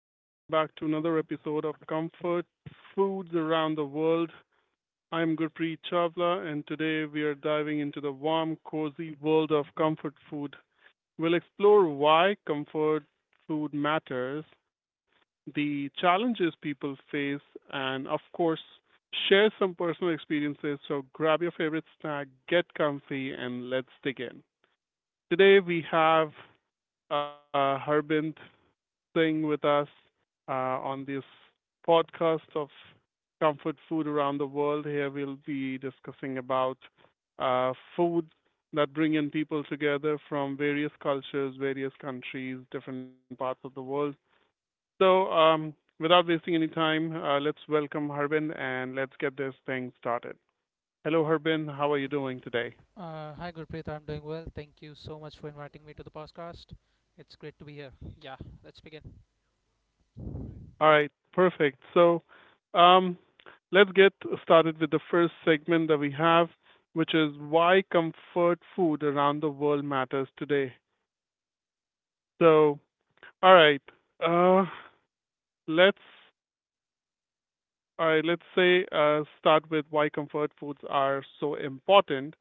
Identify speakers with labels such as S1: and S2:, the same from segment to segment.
S1: welcome back to another episode of Comfort Foods Around the World. I'm Gurpreet Chawla, and today we are diving into the warm, cozy world of comfort food. We'll explore why comfort food matters, the challenges people face, and of course, share some personal experiences. So grab your favorite snack, get comfy, and let's dig in. Today we have Harbint staying with us uh, on this podcast of comfort food around the world. Here we'll be discussing about food that bring in people together from various cultures, various countries, different parts of the world. So, um, Without wasting any time, let's welcome Harbin and let's get this thing started. Hello, Harbin. How are you doing today?
S2: Hi, Gurpreet. I'm doing well. Thank you so much for inviting me to the podcast. It's great to be here. Yeah, let's begin.
S1: All right, perfect. Um, let's get started with the first segment that we have, which is why comfort food around the world matters today. So, all right, uh, let's all right, let's say Start with why comfort foods are so important.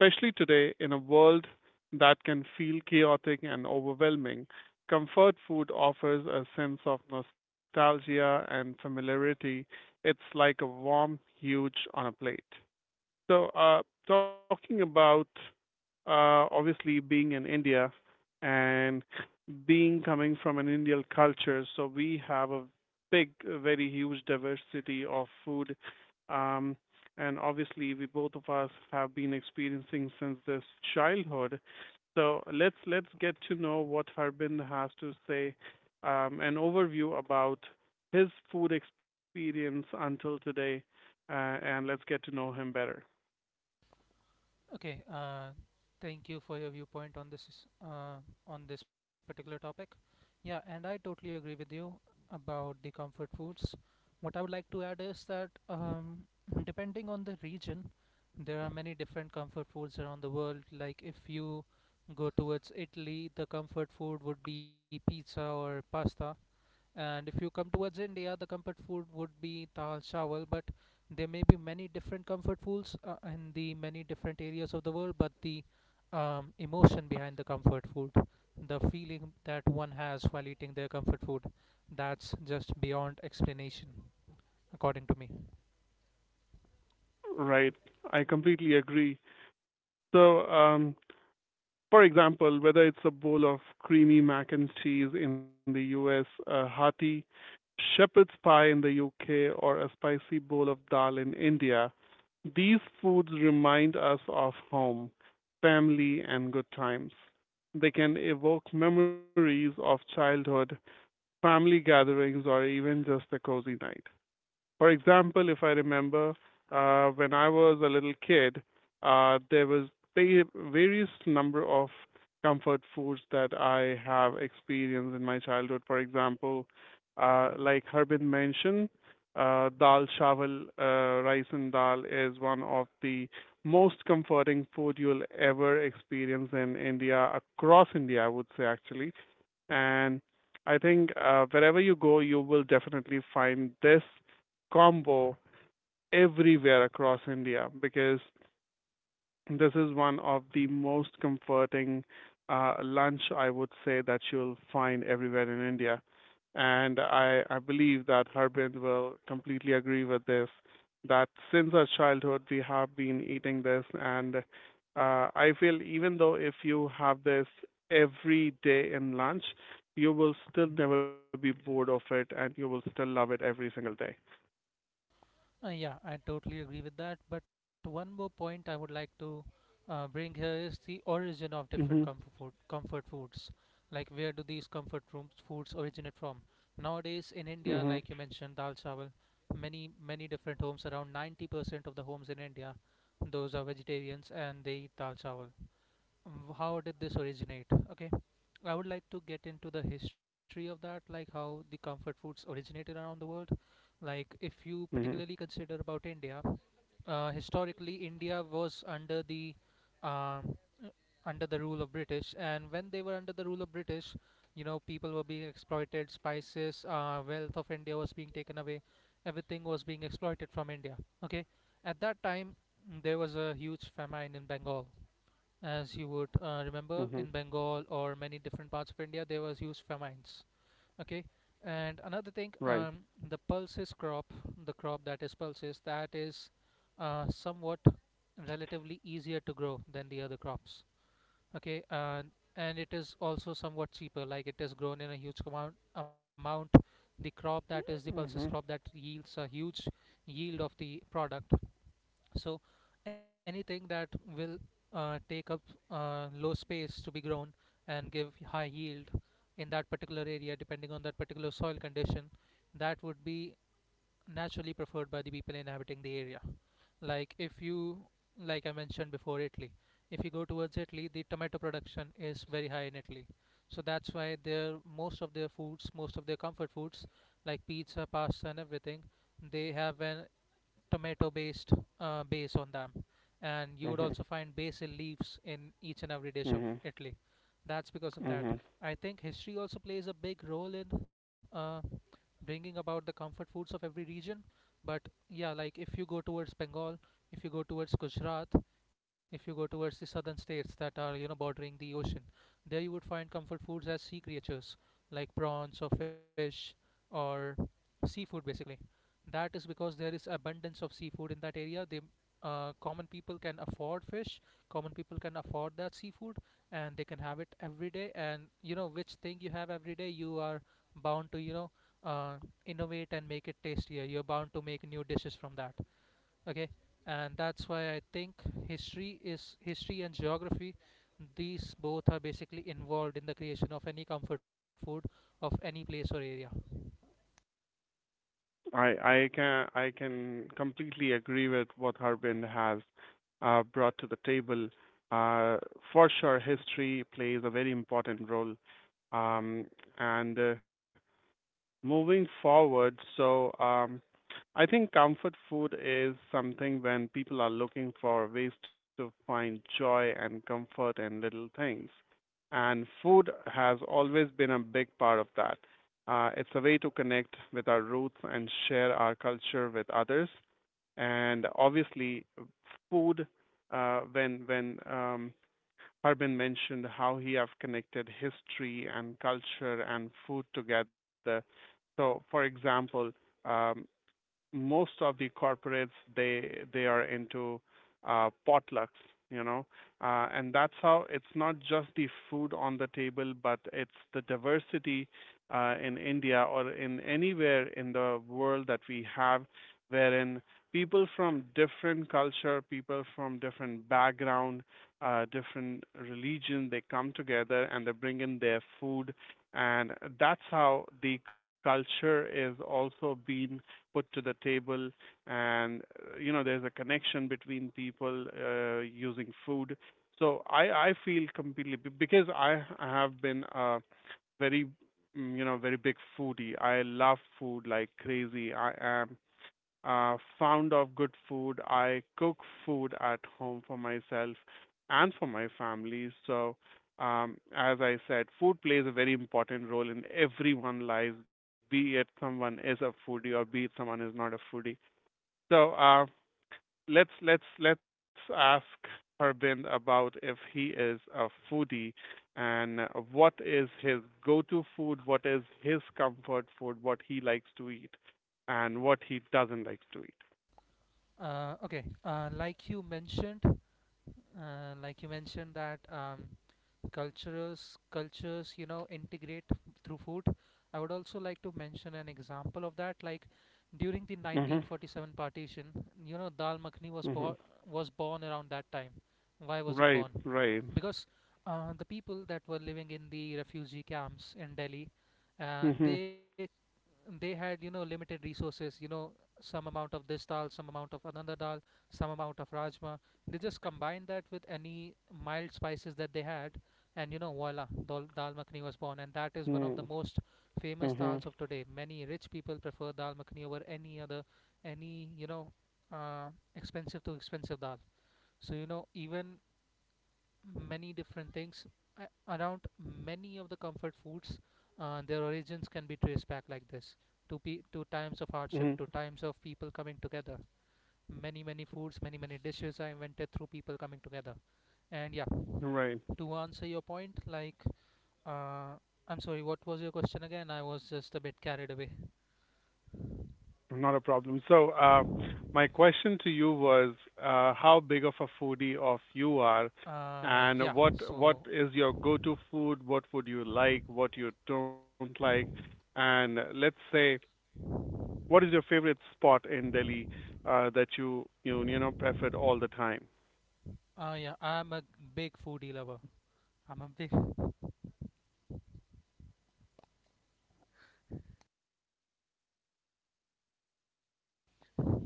S1: Especially today, in a world that can feel chaotic and overwhelming, comfort food offers a sense of nostalgia and familiarity. It's like a warm huge on a plate. So, talking about obviously being in India and being coming from an Indian culture, so we have a a very huge diversity of food. Um, and obviously, we both of us have been experiencing since this childhood. So let's get to know what Harbin has to say, an overview about his food experience until today, uh, and let's get to know him better.
S2: Okay. Thank you for your viewpoint on this particular topic. Yeah, and I totally agree with you about the comfort foods. What I would like to add is that depending on the region, there are many different comfort foods around the world. Like if you go towards Italy, the comfort food would be pizza or pasta. And if you come towards India, the comfort food would be dal chawal, but there may be many different comfort foods in the many different areas of the world. But the emotion behind the comfort food, the feeling that one has while eating their comfort food, that's just beyond explanation, according to me.
S1: Right. I completely agree. So, for example, whether it's a bowl of creamy mac and cheese in the US, a hearty shepherd's pie in the UK, or a spicy bowl of dal in India, these foods remind us of home, family, and good times. They can evoke memories of childhood, family gatherings, or even just a cozy night. For example, if I remember, when I was a little kid, uh, there was various number of comfort foods that I have experienced in my childhood. For example, like Harbin mentioned, dal chawal, rice and dal is one of the most comforting food you'll ever experience in India, across India, I would say actually. And I think wherever you go, you will definitely find this combo everywhere across India because this is one of the most comforting lunch I would say that you'll find everywhere in India. And I believe that Harbin will completely agree with this, that since our childhood we have been eating this. And I feel even though if you have this every day in lunch, you will still never be bored of it and you will still love it every single day.
S2: Yeah, I totally agree with that. But one more point I would like to bring here is the origin of different
S1: Mhm.
S2: comfort foods. Like where do these comfort rooms foods originate from? Nowadays in India,
S1: Mhm.
S2: like you mentioned, dal chawal, many different homes. Around 90% of the homes in India, those are vegetarians and they eat dal chawal. How did this originate? Okay, I would like to get into the history of that, like how the comfort foods originated around the world. Like if you
S1: Mhm.
S2: particularly consider about India, historically India was um, under the rule of British. And when they were under the rule of British, you know, people were being exploited. Spices, wealth of India was being taken away. Everything was being exploited from India. Okay, at that time, there was a huge famine in Bengal. As you would
S1: Mhm.
S2: remember, in Bengal or many different parts of India, there was huge famines. Okay, and another thing,
S1: Right.
S2: the pulses crop, the crop that is pulses, that is somewhat relatively easier to grow than the other crops. Okay, and it is also somewhat cheaper, like it is grown in a huge amount, the crop that is the
S1: Mhm.
S2: pulses crop, that yields a huge yield of the product. So anything that will take up low space to be grown and give high yield in that particular area depending on that particular soil condition, that would be naturally preferred by the people inhabiting the area. Like if you, like I mentioned before, Italy, if you go towards Italy, the tomato production is very high in Italy, so that's why their most of their foods, most of their comfort foods like pizza, pasta and everything, they have an tomato based base on them. And you would also
S1: Mhm.
S2: find basil leaves in each and every dish of
S1: Mhm.
S2: Italy. That's because of that.
S1: Mhm.
S2: I think history also plays a big role in uh, bringing about the comfort foods of every region. But yeah, like if you go towards Bengal, if you go towards Gujarat, if you go towards the southern states that are, you know, bordering the ocean, there you would find comfort foods as sea creatures, like prawns or fish, or seafood basically. That is because there is abundance of seafood in that area. They, common people can afford fish. Common people can afford that seafood, and they can have it every day. And you know, which thing you have every day, you are bound to, you know, uh, innovate and make it tastier. You're bound to make new dishes from that. Okay, and that's why I think history is history and geography. These both are basically involved in the creation of any comfort food of any place or area.
S1: I can completely agree with what Harbin has brought to the table. Uh, for sure, history plays a very important role, um, and moving forward, I think comfort food is something when people are looking for ways to find joy and comfort in little things. And food has always been a big part of that. It's a way to connect with our roots and share our culture with others. And obviously, food, when Harbin mentioned how he have connected history and culture and food together. So, for example, um, most of the corporates they are into potlucks, you know, and that's how it's not just the food on the table, but it's the diversity in India or in anywhere in the world that we have, wherein people from different culture, people from different background, different religion, they come together and they bring in their food, and that's how the culture is also being put to the table and you know there's a connection between people using food. So I feel completely because I have been a very you know very big foodie. I love food like crazy. I am fond of good food. I cook food at home for myself and for my family. So, as I said, food plays a very important role in everyone's lives, be it someone is a foodie or be it someone is not a foodie. So, let's ask Harbin about if he is a foodie and what is his go-to food, what is his comfort food, what he likes to eat, and what he doesn't like to eat.
S2: Okay, like you mentioned that um, cultures you know integrate through food. I would also like to mention an example of that. Like during the
S1: Mm-hmm.
S2: 1947 partition, you know, dal makhni was
S1: Mm-hmm.
S2: born was born around that time. Why was it
S1: Right.
S2: born?
S1: Right.
S2: Because the people that were living in the refugee camps in Delhi, and
S1: Mm-hmm.
S2: they had, you know, limited resources, you know, some amount of this dal, some amount of another dal, some amount of rajma, they just combined that with any mild spices that they had, and you know, voila, dal makhani was born. And that is one of the
S1: Mm.
S2: most
S1: Mm-hmm.
S2: famous dals of today. Many rich people prefer dal makhani over any other, any you know, uh, expensive to expensive dal. So you know, even many different things around many of the comfort foods. Their origins can be traced back like this to to times of
S1: Mm-hmm.
S2: hardship, to times of people coming together. Many foods, many dishes are invented through people coming together. And yeah,
S1: Right.
S2: to answer your point, like uh, I'm sorry, what was your question again? I was just a bit carried away.
S1: Not a problem. So, my question to you was, how big of a foodie of you are,
S2: Uh,
S1: and
S2: yeah.
S1: what
S2: So
S1: is your go-to food? What would you like? What you don't like? And let's say, what is your favorite spot in Delhi that you know preferred all the time?
S2: yeah, I'm a big foodie lover. I'm a big.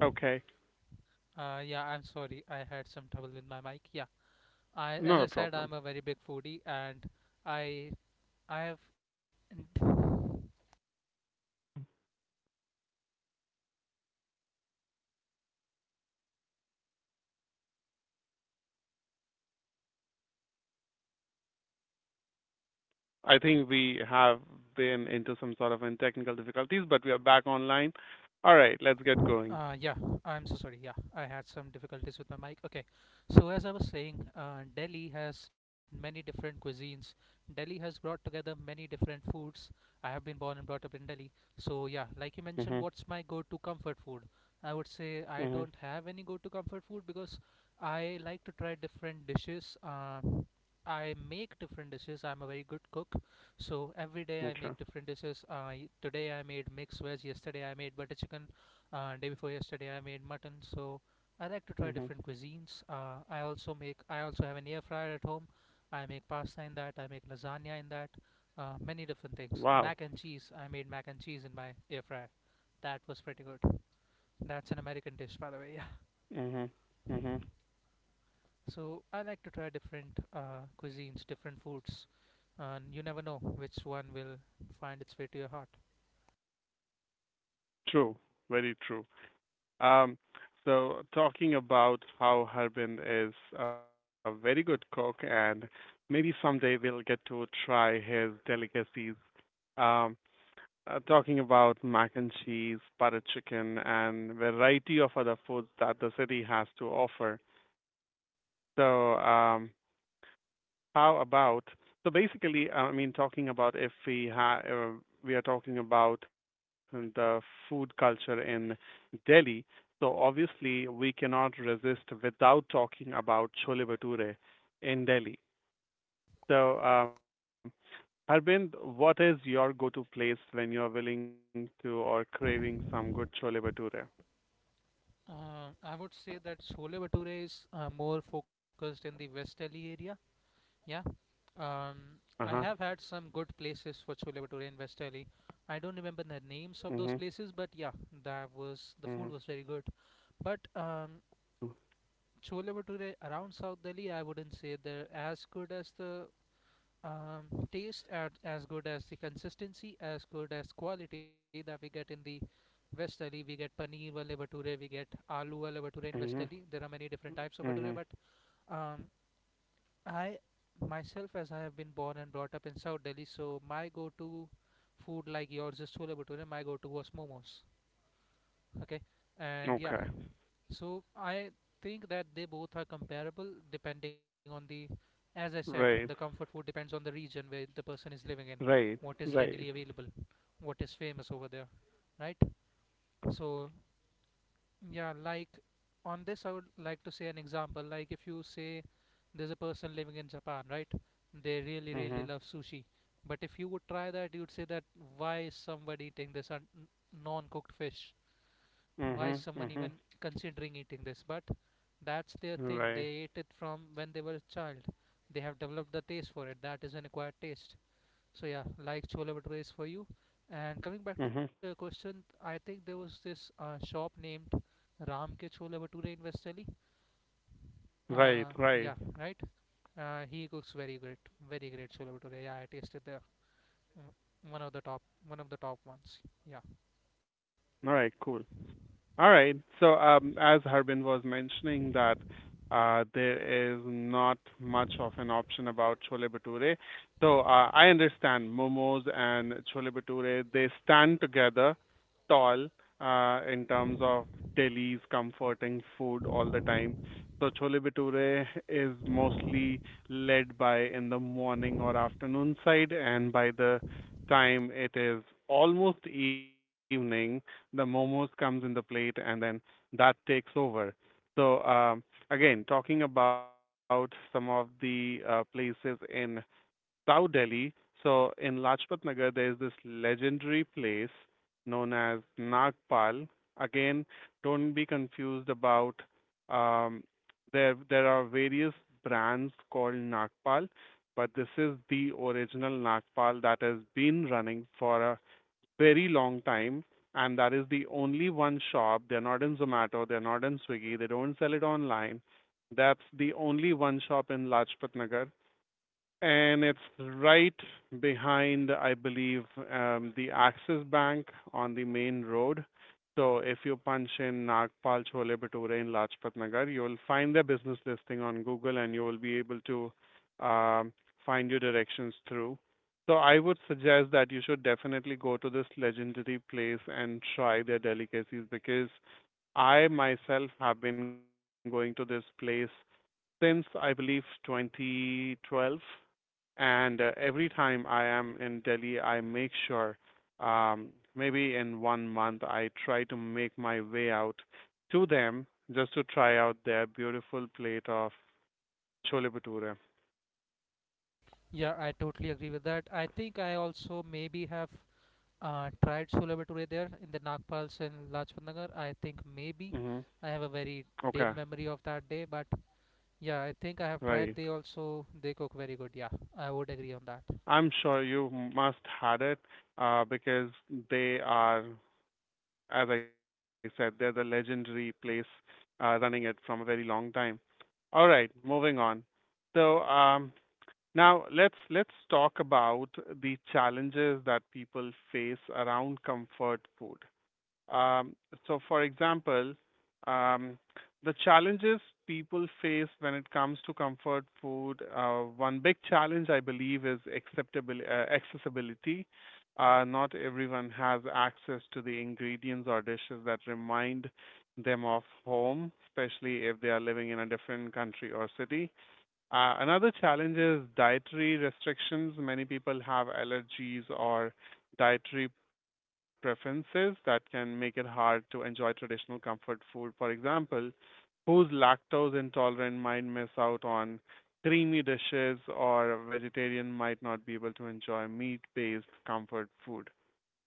S1: Okay,
S2: Yeah, I'm sorry. I had some trouble with my mic. Yeah. As
S1: not
S2: I
S1: a
S2: said,
S1: problem.
S2: I'm a very big foodie, and I I have
S1: I think we have been into some sort of in technical difficulties, but we are back online. All right, let's get going.
S2: Yeah, I'm so sorry. Yeah, I had some difficulties with my mic. Okay, so as I was saying, Delhi has many different cuisines. Delhi has brought together many different foods. I have been born and brought up in Delhi. So, yeah, like you mentioned,
S1: Mhm.
S2: what's my go to comfort food? I would say I
S1: Mhm.
S2: don't have any go to comfort food because I like to try different dishes. I make different dishes. I'm a very good cook. So every day I
S1: True.
S2: make different dishes. I Today I made mixed veg. Yesterday I made butter chicken, day before yesterday, I made mutton. So I like to try
S1: Mhm.
S2: different cuisines. I also have an air fryer at home. I make pasta in that. I make lasagna in that. Many different things.
S1: Wow.
S2: Mac and cheese. I made mac and cheese in my air fryer. That was pretty good. That's an American dish, by the way. Yeah.
S1: Mhm. Mhm.
S2: So I like to try different cuisines, different foods. And you never know which one will find its way to your heart.
S1: True. Very true. Um, so talking about how Harbin is a very good cook, and maybe someday we'll get to try his delicacies. Um, Talking about mac and cheese, butter chicken, and variety of other foods that the city has to offer. So, how about talking about if we ha we are talking about the food culture in Delhi. So obviously, we cannot resist without talking about chole bhature in Delhi. So, Harbind, what is your go-to place when you're willing to or craving some good chole bhature?
S2: I would say that chole bhature is more focused in the West Delhi area. Yeah. Um, I have had
S1: Uh-huh.
S2: some good places for chole bhature in West Delhi. I don't remember the names of those
S1: Mhm.
S2: places, but yeah, that was, the
S1: Mhm.
S2: food was very good. But
S1: Mm.
S2: chole bhature around South Delhi, I wouldn't say they're as good as the um, taste, at, as good as the consistency, as good as quality that we get in the West Delhi. We get paneer wale bhature, we get aloo wale bhature in West Delhi. There are many
S1: Mhm.
S2: different types of bhature, but
S1: Mhm.
S2: um, I myself, as I have been born and brought up in South Delhi, so my go-to food, like yours is chole bhature, my go-to was momos. Okay, and
S1: Okay.
S2: yeah, so I think that they both are comparable depending on the, as I said, the
S1: Right.
S2: comfort food depends on the region where the person is living in, what
S1: Right.
S2: is readily
S1: Right.
S2: available, what is famous over there, right? So yeah, like on this, I would like to say an example. Like if you say there's a person living in Japan, right? They really, really love
S1: Mhm.
S2: sushi. But if you would try that, you'd say that why is somebody eating this non-cooked fish? Why is
S1: Mhm.
S2: someone even
S1: Mhm.
S2: considering eating this? But that's their thing. They
S1: Right.
S2: ate it from when they were a child. They have developed the taste for it. That is an acquired taste. So yeah, like chola bhature is for you. And coming back to your
S1: Mhm.
S2: question, I think there was this shop named Ram ke chole bhature in Westerly.
S1: Right.
S2: Yeah,
S1: Right.
S2: right. He cooks very great, very great chole bhature. Yeah, I tasted the mm, one of the top, one of the top ones. Yeah,
S1: All right. Cool. All right. So, as Harbin was mentioning that there is not much of an option about chole bhature. So, I understand momos and chole bhature, they stand together tall in terms of Delhi's comforting food all the time. So, chole bhature is mostly led by in the morning or afternoon side, and by the time it is almost evening, the momos comes in the plate and then that takes over. So um, Again, talking about some of the places in South Delhi. So in Lajpat Nagar, there is this legendary place known as Nagpal. Again, don't be confused about um, there. There are various brands called Nagpal, but this is the original Nagpal that has been running for a very long time, and that is the only one shop. They're not in Zomato, they're not in Swiggy, they don't sell it online. That's the only one shop in Lajpat Nagar and it's right behind, I believe, the Axis Bank on the main road. So if you punch in Nagpal Chole Bhature in Lajpat Nagar, you will find their business listing on Google, and you will be able to um, find your directions through. So I would suggest that you should definitely go to this legendary place and try their delicacies because I myself have been going to this place since I believe 2012 and every time I am in Delhi, I make sure um, maybe in one month I try to make my way out to them just to try out their beautiful plate of chole bhature.
S2: yeah, I totally agree with that. I think I also maybe have tried chole bhature there in the Nagpals and Lajpat Nagar. I think maybe
S1: Hmm.
S2: I have a very
S1: Okay,
S2: dim memory of that day, but yeah, I think I have tried.
S1: right.
S2: They also they cook very good. Yeah, I would agree on that.
S1: I'm sure you must had it because they are, as I said, they're the legendary place running it from a very long time. All right, moving on. So, now, let's talk about the challenges that people face around comfort food. Um, so, for example, um, the challenges people face when it comes to comfort food. One big challenge, I believe, is accessibility. Not everyone has access to the ingredients or dishes that remind them of home, especially if they are living in a different country or city. Another challenge is dietary restrictions. Many people have allergies or dietary preferences that can make it hard to enjoy traditional comfort food. For example, who's lactose intolerant might miss out on creamy dishes, or a vegetarian might not be able to enjoy meat based comfort food.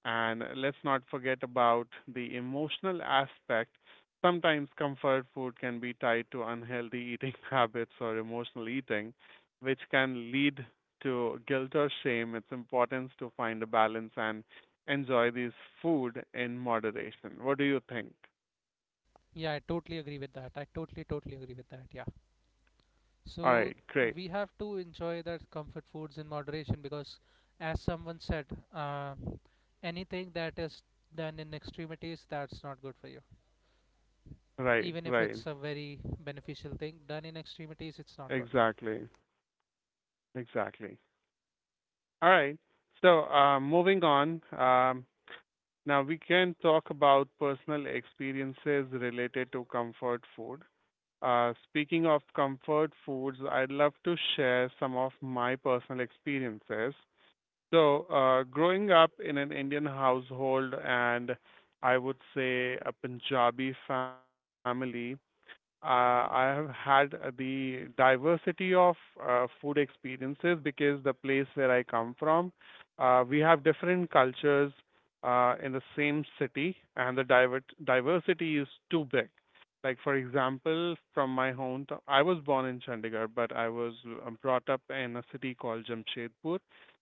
S1: And let's not forget about the emotional aspect. Sometimes comfort food can be tied to unhealthy eating habits or emotional eating, which can lead to guilt or shame. It's important to find a balance and enjoy these food in moderation. What do you think?
S2: Yeah, I totally agree with that. I totally totally agree with that. Yeah.
S1: All
S2: So
S1: right, great.
S2: we have to enjoy that comfort foods in moderation because, as someone said, uh, anything that is done in extremities, that's not good for you.
S1: Right,
S2: Even if
S1: right.
S2: it's a very beneficial thing, done in extremities, it's not good.
S1: Exactly, exactly. All right. So, moving on. Now we can talk about personal experiences related to comfort food. Speaking of comfort foods, I'd love to share some of my personal experiences. So, growing up in an Indian household and I would say a Punjabi family, uh, I have had the diversity of food experiences because the place where I come from, we have different cultures in the same city, and the diversity is too big. Like, for example, from my hometown, I was born in Chandigarh, but I was brought up in a city called Jamshedpur,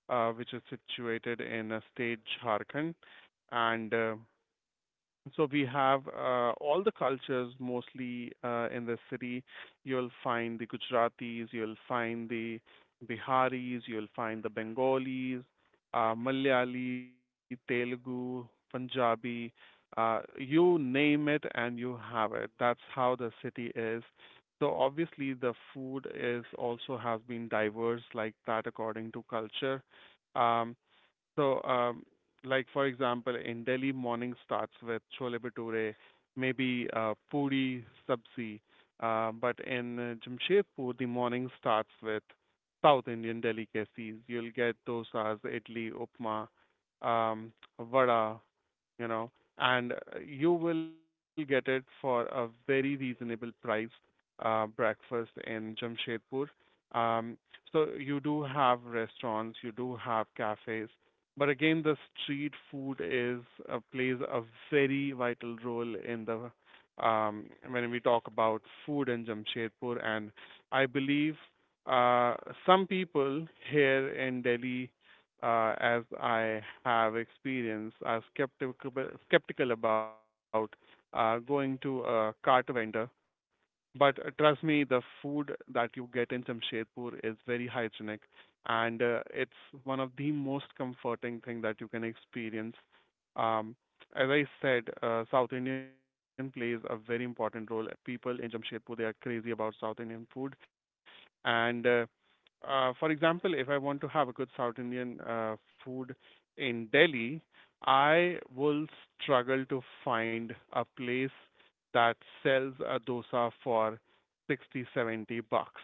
S1: which is situated in a state Jharkhand. And so we have all the cultures mostly in the city. You'll find the Gujaratis, you'll find the Biharis, you'll find the Bengalis, Malayali, Telugu, Punjabi. You name it and you have it. That's how the city is. So obviously the food is also has been diverse like that according to culture. Um, so, um, like for example, in Delhi, morning starts with chole bhature, maybe puri, sabzi. But in Jamshedpur, the morning starts with South Indian delicacies. You'll get dosas, idli, upma, um, vada, you know, and you will get it for a very reasonable price breakfast in Jamshedpur. Um, so you do have restaurants, you do have cafes, but again, the street food is plays a very vital role in the when we talk about food in Jamshedpur, and I believe uh, some people here in Delhi as I have experience, I'm skeptical about going to a cart vendor but trust me, the food that you get in Jamshedpur is very hygienic, and it's one of the most comforting thing that you can experience. Um, as I said, South Indian plays a very important role. People in Jamshedpur, they are crazy about South Indian food, and for example, if I want to have a good South Indian food in Delhi, I will struggle to find a place that sells a dosa for 60, 70 bucks.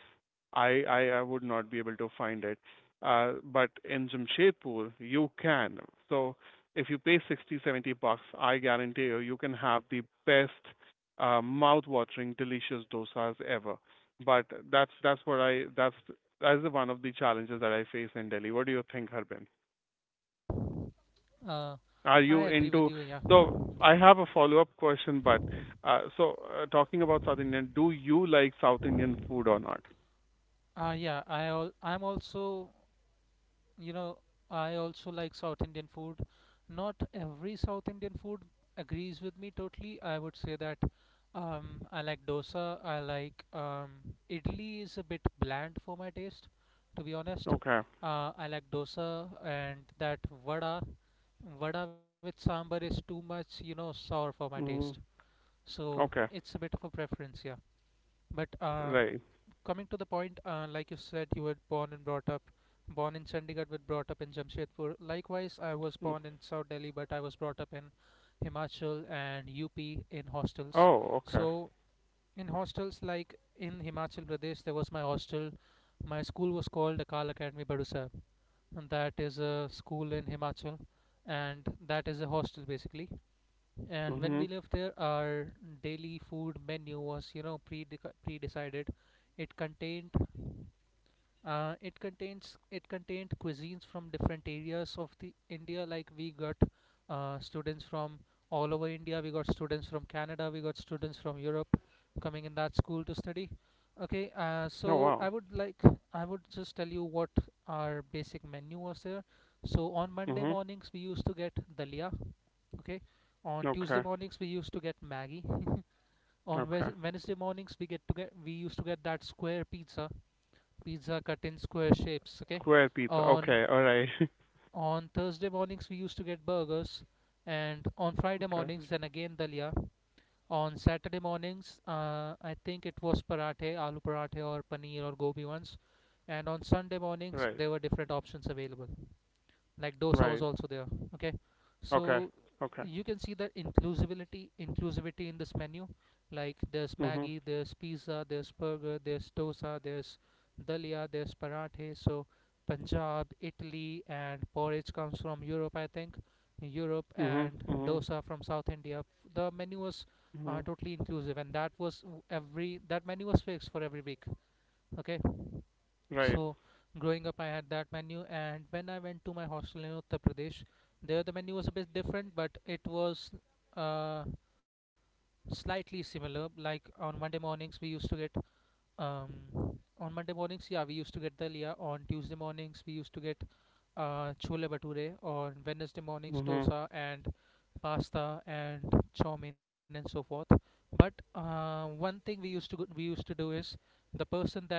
S1: I would not be able to find it. But in Jamshedpur, you can. So if you pay 60, 70 bucks, I guarantee you, you can have the best, mouth-watering, delicious dosas ever. But that's what I that's the one of the challenges that I face in Delhi. What do you think, Harbin?
S2: Uh,
S1: Are
S2: I
S1: you
S2: agree with
S1: into?
S2: you. Yeah.
S1: So I have a follow-up question, but uh, so talking about South Indian, do you like South Indian food or not?
S2: Yeah. I al- I'm also you know I also like South Indian food. Not every South Indian food agrees with me totally, I would say that. um, I like dosa. I like Idli is a bit bland for my taste, to be honest.
S1: Okay.
S2: I like dosa, and that vada vada with sambar is too much, sour for my taste.
S1: Hmm.
S2: So
S1: Okay.
S2: it's a bit of a preference, yeah, but
S1: Right.
S2: coming to the point, like you said, you were born and brought up, born in Chandigarh but brought up in Jamshedpur. Likewise, I was
S1: Mm.
S2: born in South Delhi but I was brought up in Himachal and UP in hostels.
S1: Oh, okay.
S2: So, in hostels, like in Himachal Pradesh, there was my hostel. My school was called Akal Academy Badusab, and that is a school in Himachal, and that is a hostel basically. And when we
S1: Mhm.
S2: lived there, our daily food menu was, pre decided. It contained it contains it contained cuisines from different areas of the India. Like we got students from all over India. We got students from Canada. We got students from Europe coming in that school to study. Okay,
S1: Oh,
S2: so
S1: wow.
S2: I would just tell you what our basic menu was there. So on Monday
S1: Mhm.
S2: mornings we used to get dalia. Okay, on Tuesday
S1: Okay.
S2: mornings we used to get Maggie. On
S1: Okay.
S2: Wednesday mornings we used to get that square pizza, pizza cut in square shapes, okay.
S1: Square pizza.
S2: on
S1: Okay. All right.
S2: on Thursday mornings we used to get burgers, and on Friday
S1: Okay.
S2: mornings, then again, dalia. On Saturday mornings, I think it was parathe, aloo parathe or paneer or gobi ones. And on Sunday
S1: Right.
S2: mornings there were different options available, like dosa was
S1: Right.
S2: also there, okay.
S1: Okay.
S2: So
S1: Okay.
S2: you can see that inclusivity in this menu, like there's
S1: Mhm.
S2: Maggie, there's pizza, there's burger, there's dosa, there's dalia, there's parathe. So Punjab, Italy, and porridge comes from Europe, I think, Europe,
S1: Mhm.
S2: and
S1: Mhm.
S2: dosa from South India. The menu was
S1: Mhm.
S2: totally inclusive, and that menu was fixed for every week, okay.
S1: Right.
S2: So, growing up, I had that menu, and when I went to my hostel in Uttar Pradesh, there the menu was a bit different, but it was uh, slightly similar. Like on Monday mornings, we used to get um, on Monday mornings, yeah, we used to get dalia. On Tuesday mornings, we used to get chole bhature. On Wednesday mornings,
S1: Mhm.
S2: dosa and pasta and chow mein and so forth. But one thing we used to do is, the person that,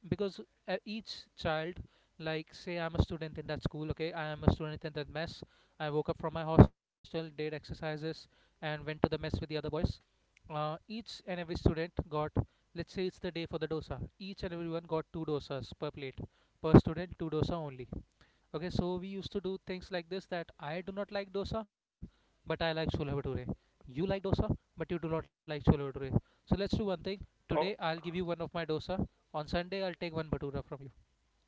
S2: because each child, like, say I'm a student in that school, okay, I am a student in that mess. I woke up from my hostel, did exercises, and went to the mess with the other boys. Each and every student got, let's say it's the day for the dosa, each and everyone got two dosas per plate. Per student, two dosa only. Okay, so we used to do things like this, that I do not like dosa, but I like chola bhature. You like dosa, but you do not like chola bhature. So let's do one thing. Today I'll
S1: Oh.
S2: give you one of my dosa. On Sunday I'll take one bhatura from you.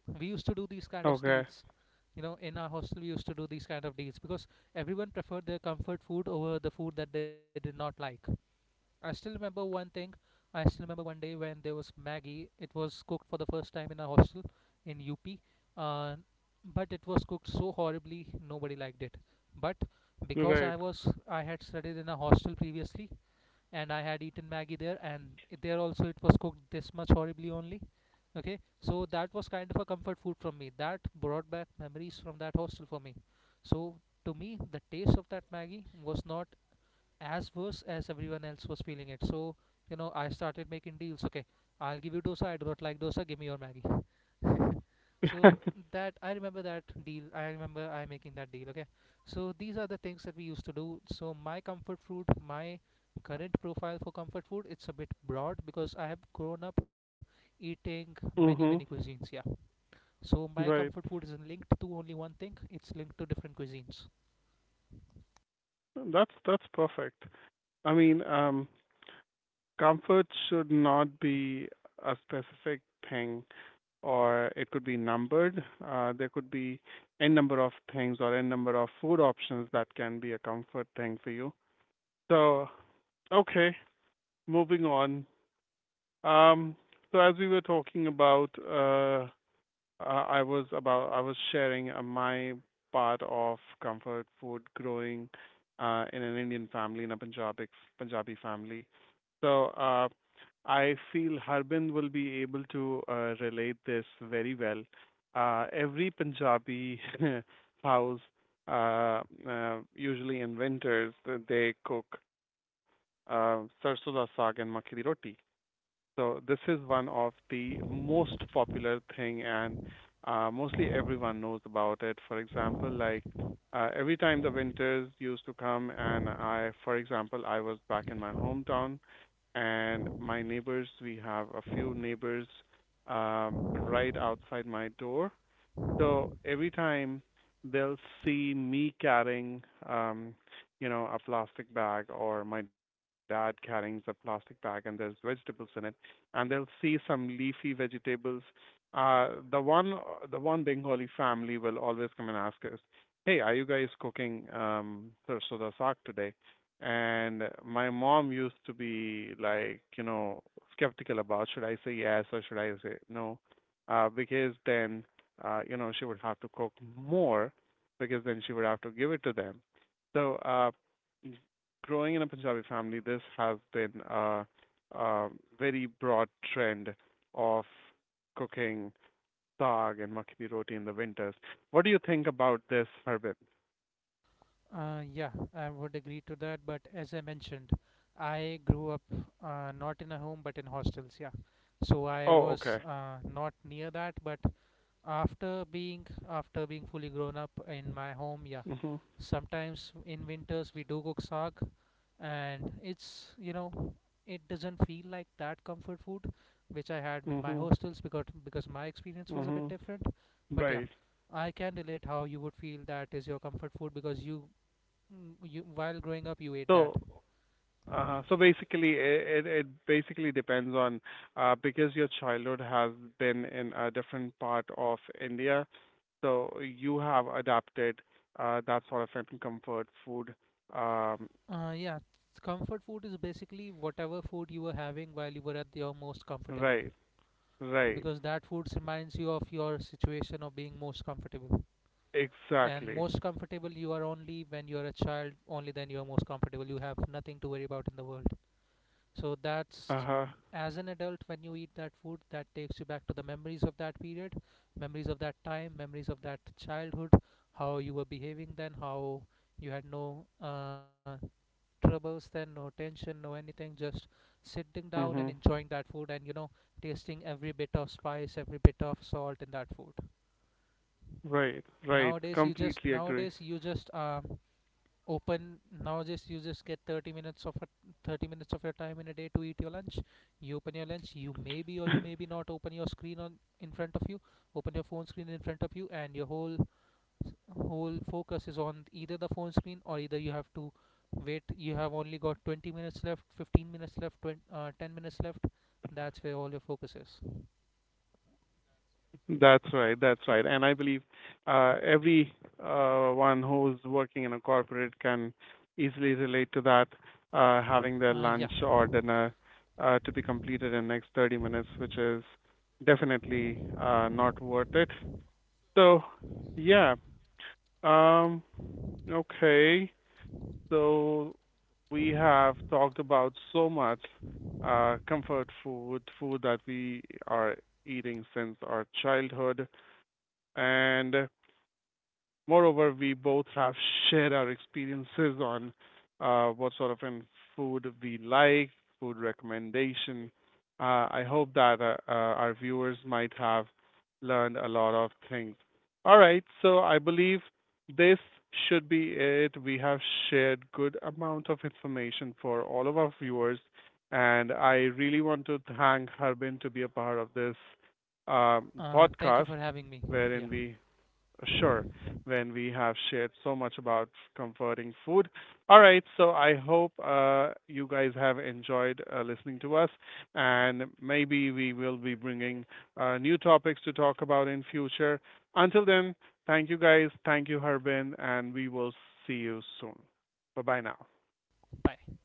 S2: We used to do these kind of
S1: Okay.
S2: deals. In our hostel we used to do these kind of deals because everyone preferred their comfort food over the food that they did not like. I still remember one thing. I still remember one day when there was Maggie. It was cooked for the first time in a hostel in UP. Uh, but it was cooked so horribly, nobody liked it. But because
S1: Right.
S2: I had studied in a hostel previously, and I had eaten Maggie there, and there also it was cooked this much horribly only. Okay, so that was kind of a comfort food from me. That brought back memories from that hostel for me. So to me, the taste of that Maggie was not as worse as everyone else was feeling it. So, I started making deals. Okay, I'll give you dosa, I do not like dosa, give me your Maggie. So that, I remember that deal. I remember I making that deal. Okay, so these are the things that we used to do. So my comfort food, my current profile for comfort food, it's a bit broad because I have grown up eating
S1: Mhm.
S2: many many cuisines. Yeah. So my
S1: Right.
S2: comfort food isn't linked to only one thing. It's linked to different cuisines.
S1: That's perfect. I mean, comfort should not be a specific thing, or it could be numbered. There could be n number of things or n number of food options that can be a comfort thing for you. So, okay, moving on. Um, so as we were talking about I was sharing my part of comfort food growing in an Indian family in a Punjabi family. So I feel Harbin will be able to relate this very well. Every Punjabi house, uh, usually in winters, they cook sarson da saag and makki di roti. So this is one of the most popular thing, and mostly everyone knows about it. For example, like every time the winters used to come, and I, for example, I was back in my hometown, and my neighbors, we have a few neighbors right outside my door, so every time they'll see me carrying, um, a plastic bag or my dad carrying a plastic bag and there's vegetables in it, and they'll see some leafy vegetables. Uh, the one, the one Bengali family will always come and ask us, "Hey, are you guys cooking sarsoda saag today?" And my mom used to be like, skeptical about should I say yes or should I say no, because then she would have to cook more because then she would have to give it to them. So, growing in a Punjabi family, this has been a very broad trend of cooking saag and makki di roti in the winters. What do you think about this, Harbin?
S2: Yeah, I would agree to that. But as I mentioned, I grew up not in a home but in hostels. Yeah, so I
S1: Oh,
S2: was
S1: okay.
S2: not near that. But after being fully grown up in my home, yeah,
S1: Mhm.
S2: sometimes in winters we do cook saag, and it's you know it doesn't feel like that comfort food which I had in my
S1: Mhm.
S2: hostels, because my experience was a bit
S1: Mhm.
S2: different. But yeah,
S1: Right.
S2: I can relate how you would feel that is your comfort food, because while growing up, you ate that.
S1: So uh-huh. So basically, it basically depends on because your childhood has been in a different part of India, so you have adapted that sort of an comfort food. Um,
S2: Yeah, comfort food is basically whatever food you were having while you were at your most comfortable,
S1: right, right,
S2: because that food reminds you of your situation of being most comfortable. And
S1: exactly.
S2: most comfortable you are only when you are a child. Only then you are most comfortable. You have nothing to worry about in the world. So that's,
S1: Uh-huh.
S2: as an adult when you eat that food, that takes you back to the memories of that period, memories of that time, memories of that childhood, how you were behaving then, how you had no troubles then, no tension, no anything, just sitting down and
S1: Mhm.
S2: enjoying that food, and tasting every bit of spice, every bit of salt in that food.
S1: Right, right.
S2: nowadays you just
S1: Completely
S2: nowadays
S1: agree.
S2: you just um open Nowadays you just get 30 minutes of 30 minutes of your time in a day to eat your lunch. You open your lunch. You maybe or you maybe not open your screen on in front of you open your phone screen in front of you, and your whole focus is on either the phone screen, or either you have to wait. You have only got 20 minutes left, 15 minutes left, 20, 10 minutes left. That's where all your focus is.
S1: That's right. That's right. And I believe every one who's working in a corporate can easily relate to that, having their
S2: Yeah.
S1: lunch or dinner to be completed in next 30 minutes, which is definitely not worth it. So, yeah. Um, okay. So we have talked about so much comfort food, food that we are eating since our childhood and moreover, we both have shared our experiences on what sort of food we like, food recommendation. I hope that our viewers might have learned a lot of things. All right, so I believe this should be it. We have shared good amount of information for all of our viewers, and I really want to thank Harbin to be a part of this
S2: Thank you
S1: podcast,
S2: for having me. Yeah.
S1: wherein we sure, when we have shared so much about comforting food. All right, so I hope you guys have enjoyed listening to us, and maybe we will be bringing new topics to talk about in future. Until then, thank you guys, thank you Harbin, and we will see you soon. Bye bye now.
S2: Bye.